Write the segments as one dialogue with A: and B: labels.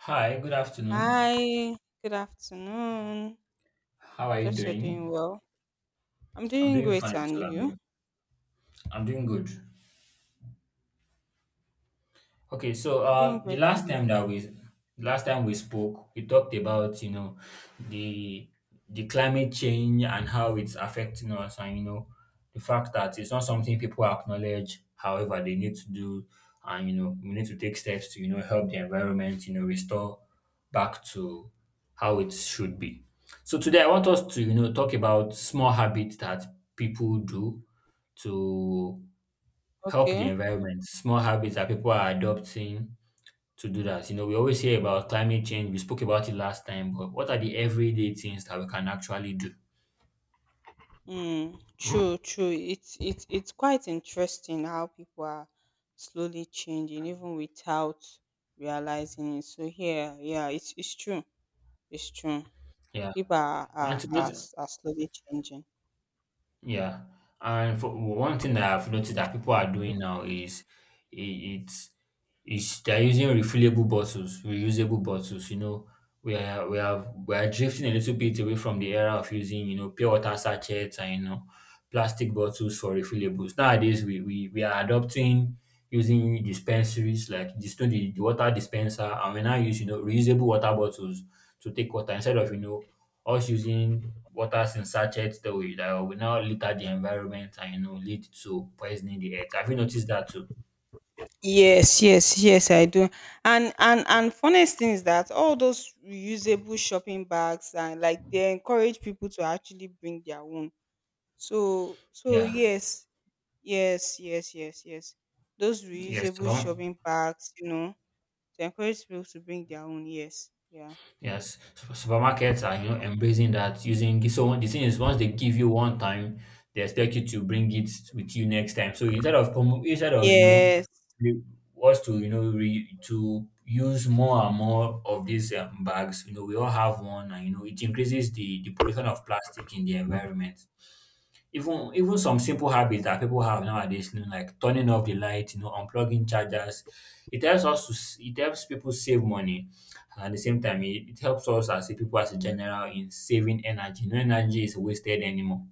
A: Hi, good afternoon.
B: Hi, good afternoon.
A: How are you
B: Just you're doing
A: doing?
B: well. I'm
A: I'm
B: doing
A: doing
B: great,
A: fine
B: and
A: too.
B: you?
A: I'm doing good. Okay, so
B: I'm doing
A: um, the
B: great, and
A: last
B: you?
A: time that we last time we spoke, we talked about the the climate change and how it's affecting us, and the fact that it's not something people acknowledge. However, they need to do, and we need to take steps to help the environment, restore back to how it should be. So today I want us to talk about small habits that people do to help the
B: Okay.
A: environment. Small habits that people are adopting to do that. You know, we always hear about climate change. We spoke about it last time, but what are the everyday things that we can actually do?
B: True, true. It's quite interesting how people are slowly changing, even without realizing it. So here, yeah, it's true. It's true.
A: Yeah.
B: People are
A: One,
B: are,
A: thing-
B: are, s- are slowly changing.
A: Yeah, and for one thing that I've noticed that people are doing now is i- it's it's they're using refillable bottles, reusable bottles. You know, we are drifting a little bit away from the era of using pure water sachets and plastic bottles for refillables. Nowadays, we are adopting using dispensaries like just the water dispenser, and we now use reusable water bottles to take water instead of us using waters in sachet storage that will now litter the environment and lead to poisoning the earth. Have you noticed that too?
B: Yes, yes, yes, I do. And funniest thing is that all those reusable shopping bags and like they encourage people to actually bring their own. So
A: Yeah.
B: yes, yes, yes, yes, yes. Those
A: Yes.
B: reusable
A: Superm-
B: shopping bags, you know, they encourage people to bring their own. Yes, yeah,
A: yes. Supermarkets are embracing that using the thing is once they give you one time, they expect you to bring it with you next time. So instead of
B: yes.
A: was to to use more and more of these bags. You know, we all have one and you know it increases the pollution of plastic in the environment. Even some simple habits that people have nowadays, you know, like turning off the light, you know, unplugging chargers, it helps us it helps people save money, and at the same time it helps us as a people as a general in saving energy. No energy is wasted anymore.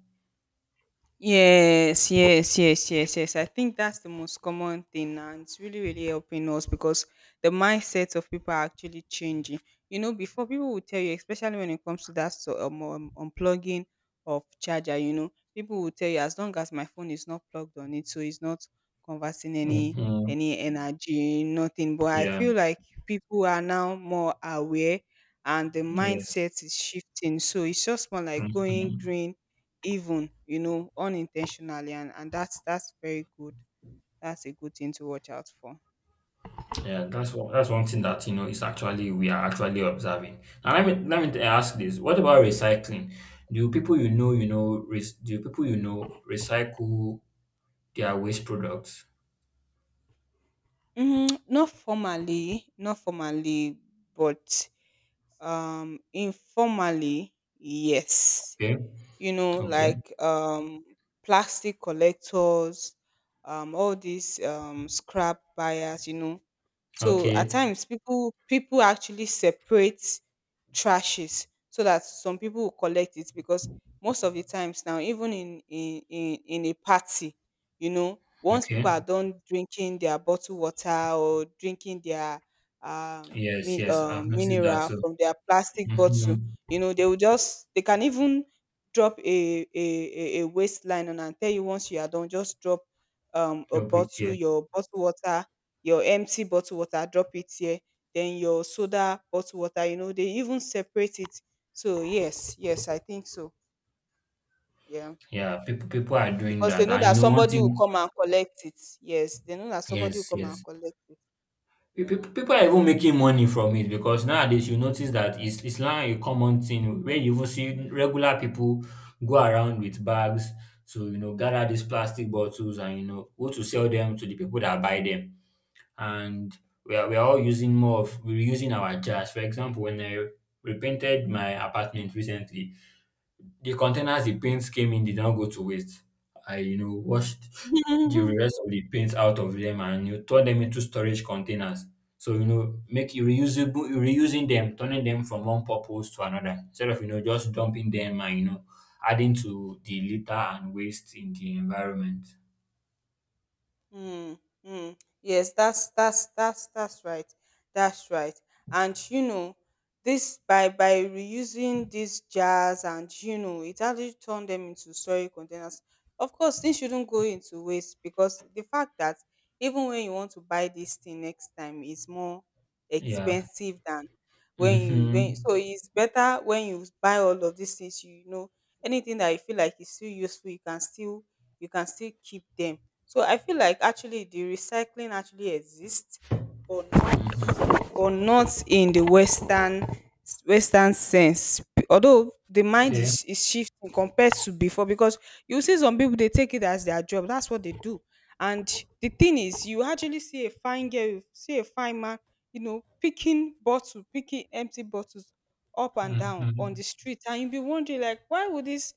B: Yes, yes, yes, yes, yes. I think that's the most common thing, and it's really, really helping us because the mindset of people are actually changing. You know, before people would tell you, especially when it comes to that unplugging of charger, you know, people will tell you as long as my phone is not plugged on it, so it's not conversing any
A: Hmm.
B: any energy, nothing. But I
A: Yeah.
B: feel like people are now more aware, and the
A: Yes.
B: mindset is shifting. So it's just more like going
A: Mhm.
B: green, even you know unintentionally, and that's very good. That's a good thing to watch out for.
A: Yeah, that's one thing that is actually, we are actually observing. And let me ask this: What about recycling? Do people do people recycle their waste products?
B: Not formally, not formally, but informally, yes.
A: Okay,
B: You know,
A: okay,
B: like plastic collectors, all these scrap buyers, you know. So at
A: okay,
B: times people actually separate trashes so that some people will collect it, because most of the times now, even in a party, you know, once people
A: okay.
B: are done drinking their bottled water or drinking their
A: Yes, yes, I've noticed that
B: mineral
A: too.
B: from their plastic bottle,
A: Mm-hmm.
B: you know, they will just they can even drop a waistline and I'll tell you once you are done, just drop a
A: Over
B: bottle,
A: here,
B: your bottle water, your empty bottle water, drop it here. Then your soda bottle water, you know, they even separate it. So yes, yes, I think so. Yeah.
A: yeah, people are doing
B: Because they
A: that,
B: know
A: and
B: that
A: you know one
B: somebody will
A: thing.
B: come and collect it. Yes, they know that somebody
A: Yes,
B: will come and
A: yes.
B: collect it. Yeah.
A: People are even making money from it because nowadays you notice that it's now a common thing where you even see regular people go around with bags to gather these plastic bottles and go to sell them to the people that buy them. And we are all using more of we're using our jars. For example, when I repainted my apartment recently, the containers the paints came in did not go to waste. I, you know, washed the rest of the paints out of them and you turn them into storage containers. So, you know, make you reusable reusing them, turning them from one purpose to another. Instead of, you know, just dumping them and you know, adding to the litter and waste in the environment.
B: Mm, mm. Yes, that's right. That's right. And you know, this by reusing these jars and you know, it actually turned them into storage containers. Of course, things shouldn't go into waste because the fact that even when you want to buy this thing next time is more
A: Yeah.
B: expensive than when you when,
A: Mm-hmm.
B: so it's better when you buy all of these things, you know, anything that you feel like is still useful you can still, you can still keep them. So I feel like actually the recycling actually exists, but
A: Mm-hmm.
B: not in the western, western sense, although the mind
A: Okay.
B: is shifting compared to before, because you see some people they take it as their job, that's what they do. And the thing is you actually see a fine girl, you see a fine man, you know, picking bottles, picking empty bottles up and down on
A: Mm-hmm.
B: the street, and you'll be wondering like why would this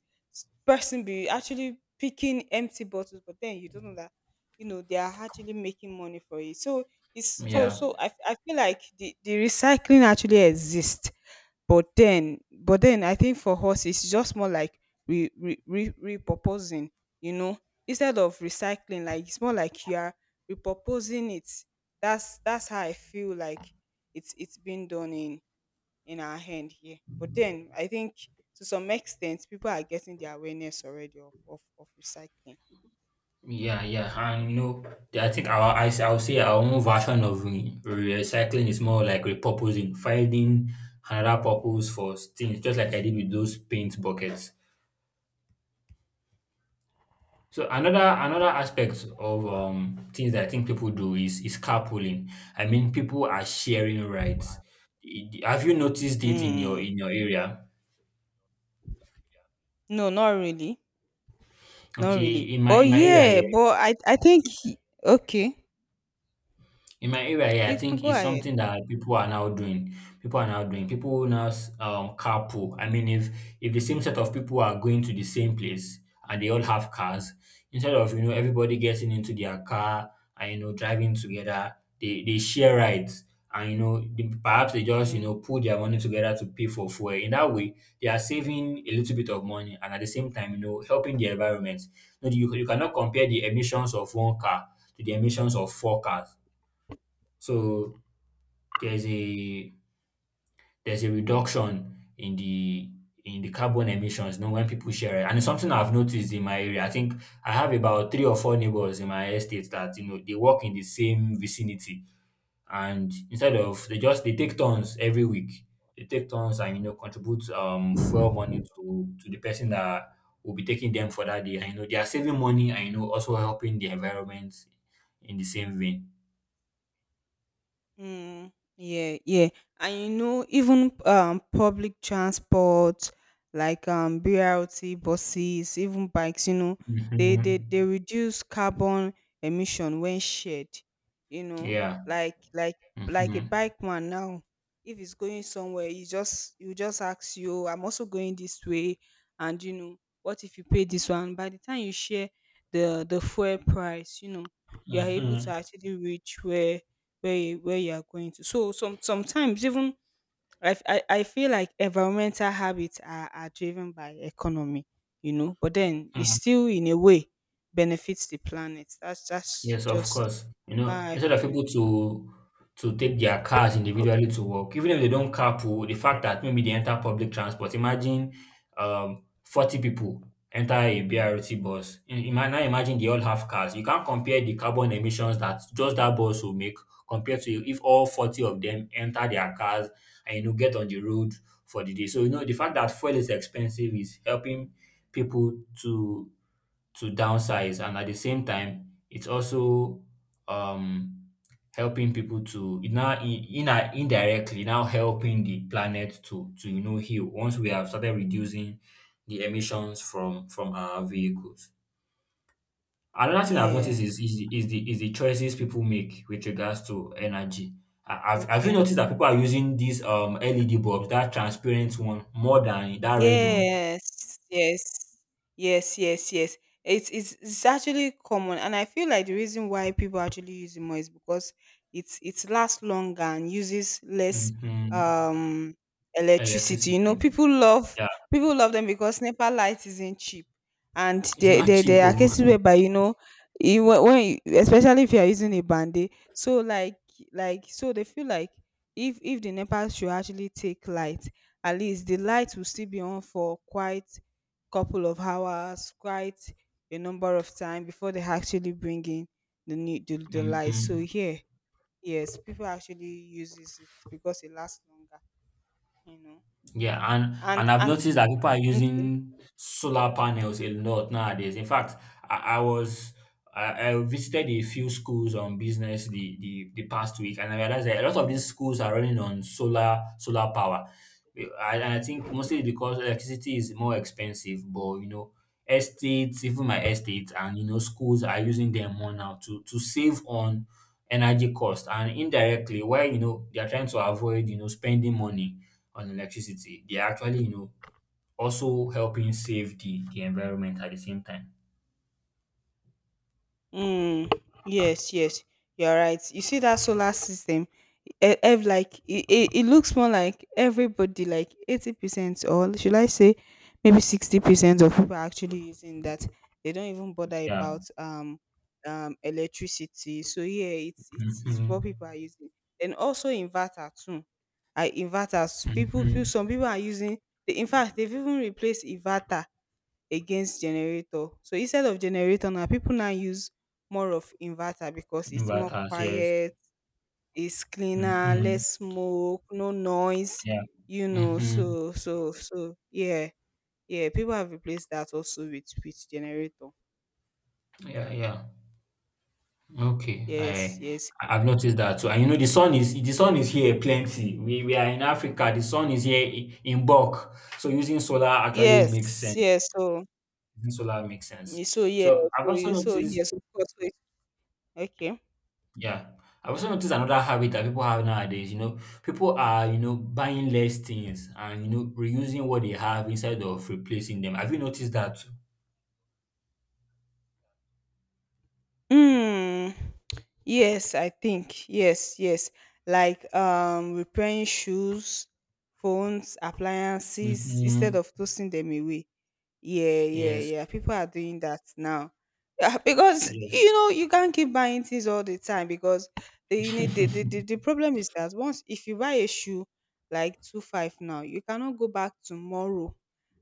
B: person be actually picking empty bottles, but then you don't know that you know they are actually making money for it. So it's,
A: Yeah.
B: I feel like the recycling actually exists, but then, I think for us it's just more like repurposing, you know, instead of recycling, like it's more like you are repurposing it. That's how I feel like it's been done in our hand here. But then I think to some extent people are getting the awareness already of of recycling.
A: Yeah, yeah, and you know, I think our I I'll say our own version of recycling is more like repurposing, finding another purpose for things, just like I did with those paint buckets. So another aspect of things that I think people do is carpooling. I mean, people are sharing rides. I- Have you noticed it in your
B: Mm.
A: area?
B: No, not really. Not
A: Okay,
B: really. But yeah, but I think he- okay.
A: in my area, yeah,
B: You
A: I
B: can
A: think
B: go
A: it's
B: ahead.
A: something that people are now doing. People are now doing. People carpool. I mean, if the same set of people are going to the same place and they all have cars, instead of you know everybody getting into their car and you know driving together, they share rides. And you know, they, perhaps they just you
B: Mm.
A: know pull their money together to pay for fuel. In that way, they are saving a little bit of money and at the same time, you know, helping the environment. You know, you cannot compare the emissions of one car to the emissions of four cars, so there's a there's a reduction in the carbon emissions, you know, when people share it. And it's something I've noticed in my area. I think I have about three or four neighbors in my estate that, you know, they work in the same vicinity. And instead of they take turns every week. They take turns and you know contribute fuel money to the person that will be taking them for that day. And you know they are saving money and you know also helping the environment in the same vein.
B: Yeah, yeah. And you know, even public transport like BRT buses, even bikes, you know, they they
A: Mhm.
B: they reduce carbon emission when shared, you know,
A: Yeah.
B: like like like a
A: Mhm.
B: bike man now. If it's going somewhere, you just ask you, I'm also going this way, and you know, what if you pay this one? By the time you share the fuel price, you know, you are able to
A: Mhm,
B: actually reach where you are going to. So some sometimes even I feel like environmental habits are driven by economy, you know, but then it
A: mm.
B: still in a way benefits the planet. That's
A: Yes, of
B: just
A: course. You
B: how
A: know,
B: I
A: instead of
B: feel.
A: people to take their cars individually to work, even if they don't carpool, the fact that maybe they enter public transport, imagine 40 people enter a BRT bus. Now imagine they all have cars. You can't compare the carbon emissions that just that bus will make compared to if all 40 of them enter their cars and you know get on the road for the day. So you know the fact that fuel is expensive is helping people to downsize, and at the same time it's also um helping people to it now in indirectly now helping the planet to you know heal once we have started reducing the emissions from our vehicles. Another thing I've noticed
B: Yeah.
A: is is the choices people make with regards to energy. Have you
B: Okay.
A: noticed that people are using these LED bulbs, that transparent one more than that red one?
B: Yes, yes, yes, yes, yes. It's actually common, and I feel like the reason why people actually use it more is because it's it lasts longer and uses less
A: Hmm.
B: um electricity.
A: Electricity.
B: You know,
A: Yeah,
B: people love them because NEPA light isn't cheap, and
A: it's not cheap
B: there are
A: oh.
B: cases whereby you know, when especially if you are using a band-aid, so like they feel like if the NEPA should actually take light, at least the light will still be on for quite couple of hours, quite a number of time before they actually bring in the light. So
A: Mhm.
B: here, yes, people actually uses it because it lasts longer, you know.
A: Yeah, and I've
B: And
A: noticed that people are
B: okay.
A: using solar panels a lot nowadays. In fact, I, I was I visited a few schools on business the past week, and I realized that a lot of these schools are running on solar power. And I think mostly because electricity is more expensive, but you know, estates, even my estate, and you know, schools are using them more now to save on energy cost, and indirectly where you know they are trying to avoid you know spending money on electricity, they are actually, you know, also helping save the environment at the same time.
B: Mm, yes, yes, you're right. You see that solar system, like it looks more like everybody, like 80% or should I say maybe 60% of people are actually using that. They don't even bother
A: Yeah.
B: about electricity. So yeah, it's what people
A: Mm-hmm.
B: are using. And also inverter too. I Inverters people,
A: Mm-hmm.
B: some people are using, they, in fact they've even replaced inverter against generator. So instead of generator now, people now use more of inverter because it's more
A: Inverters, yes.
B: quiet, it's cleaner,
A: Mm-hmm.
B: less smoke, no noise,
A: Yeah.
B: you know.
A: Mm-hmm.
B: Yeah, yeah. People have replaced that also with generator.
A: Yeah, yeah. Okay.
B: Yes, yes.
A: I've noticed that too. And you know, the sun is here plenty. We are in Africa. The sun is here in bulk. So using solar actually makes
B: Yes,
A: sense.
B: yes.
A: Using solar makes sense.
B: Yeah,
A: So I've
B: so
A: also
B: you so
A: noticed.
B: yes, of course. Wait, okay.
A: Yeah. I also noticed another habit that people have nowadays. You know, people are, you know, buying less things and, you know, reusing what they have instead of replacing them. Have you noticed that?
B: Hmm. Yes, I think. Yes, yes. Like repairing shoes, phones, appliances instead
A: Mm-hmm.
B: of tossing them away. Yeah, yeah,
A: Yes.
B: yeah. People are doing that now. Yeah, because
A: Yes.
B: you know you can't keep buying things all the time because the you need the problem is that once if you buy a shoe like two five now, you cannot go back tomorrow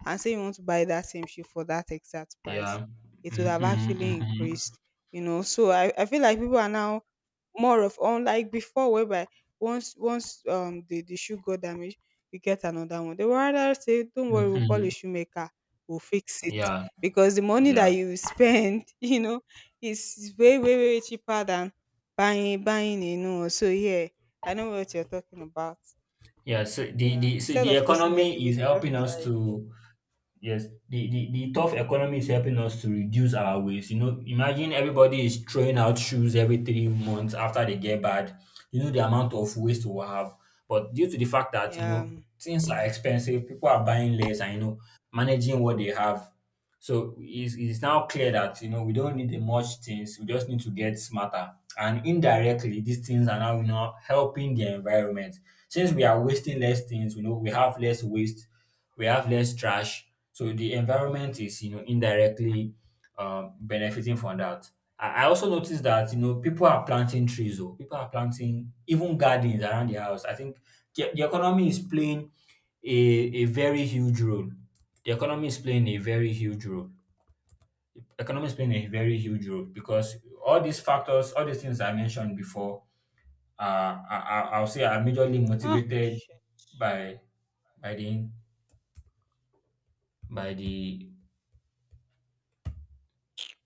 B: and say you want to buy that same shoe for that exact price.
A: Yeah.
B: It would
A: Mm-hmm.
B: have actually
A: Mm-hmm.
B: increased, you know. So I feel like people are now more of unlike before whereby once the shoe got damaged you get another one. They will rather say don't worry, we'll call a
A: Mm-hmm.
B: shoemaker, we will fix it
A: Yeah.
B: because the money that
A: Yeah.
B: you spend you know is way cheaper than buying a new one. So yeah, I know what you're talking about.
A: Yeah. So
B: Yeah,
A: the so
B: instead
A: the
B: of tossing them
A: economy
B: away,
A: is
B: they just
A: helping
B: rather
A: us
B: it.
A: to. Yes, the tough economy is helping us to reduce our waste. You know, imagine everybody is throwing out shoes every 3 months after they get bad. You know the amount of waste we'll have. But due to the fact that, you
B: Yeah.
A: know, things are expensive, people are buying less and, you know, managing what they have. So it's now clear that, you know, we don't need the much things. We just need to get smarter. And indirectly, these things are now, you know, helping the environment. Since we are wasting less things, you know, we have less waste, we have less trash, so the environment is, you know, indirectly benefiting from that. I also noticed that you know people are planting trees, or people are planting even gardens around the house. I think the economy is playing a, a very huge role. The economy is playing a very huge role. Economy is playing a very huge role because all these factors, all these things I mentioned before, uh, I'll say are majorly
B: Oh,
A: motivated
B: shit.
A: by by the by the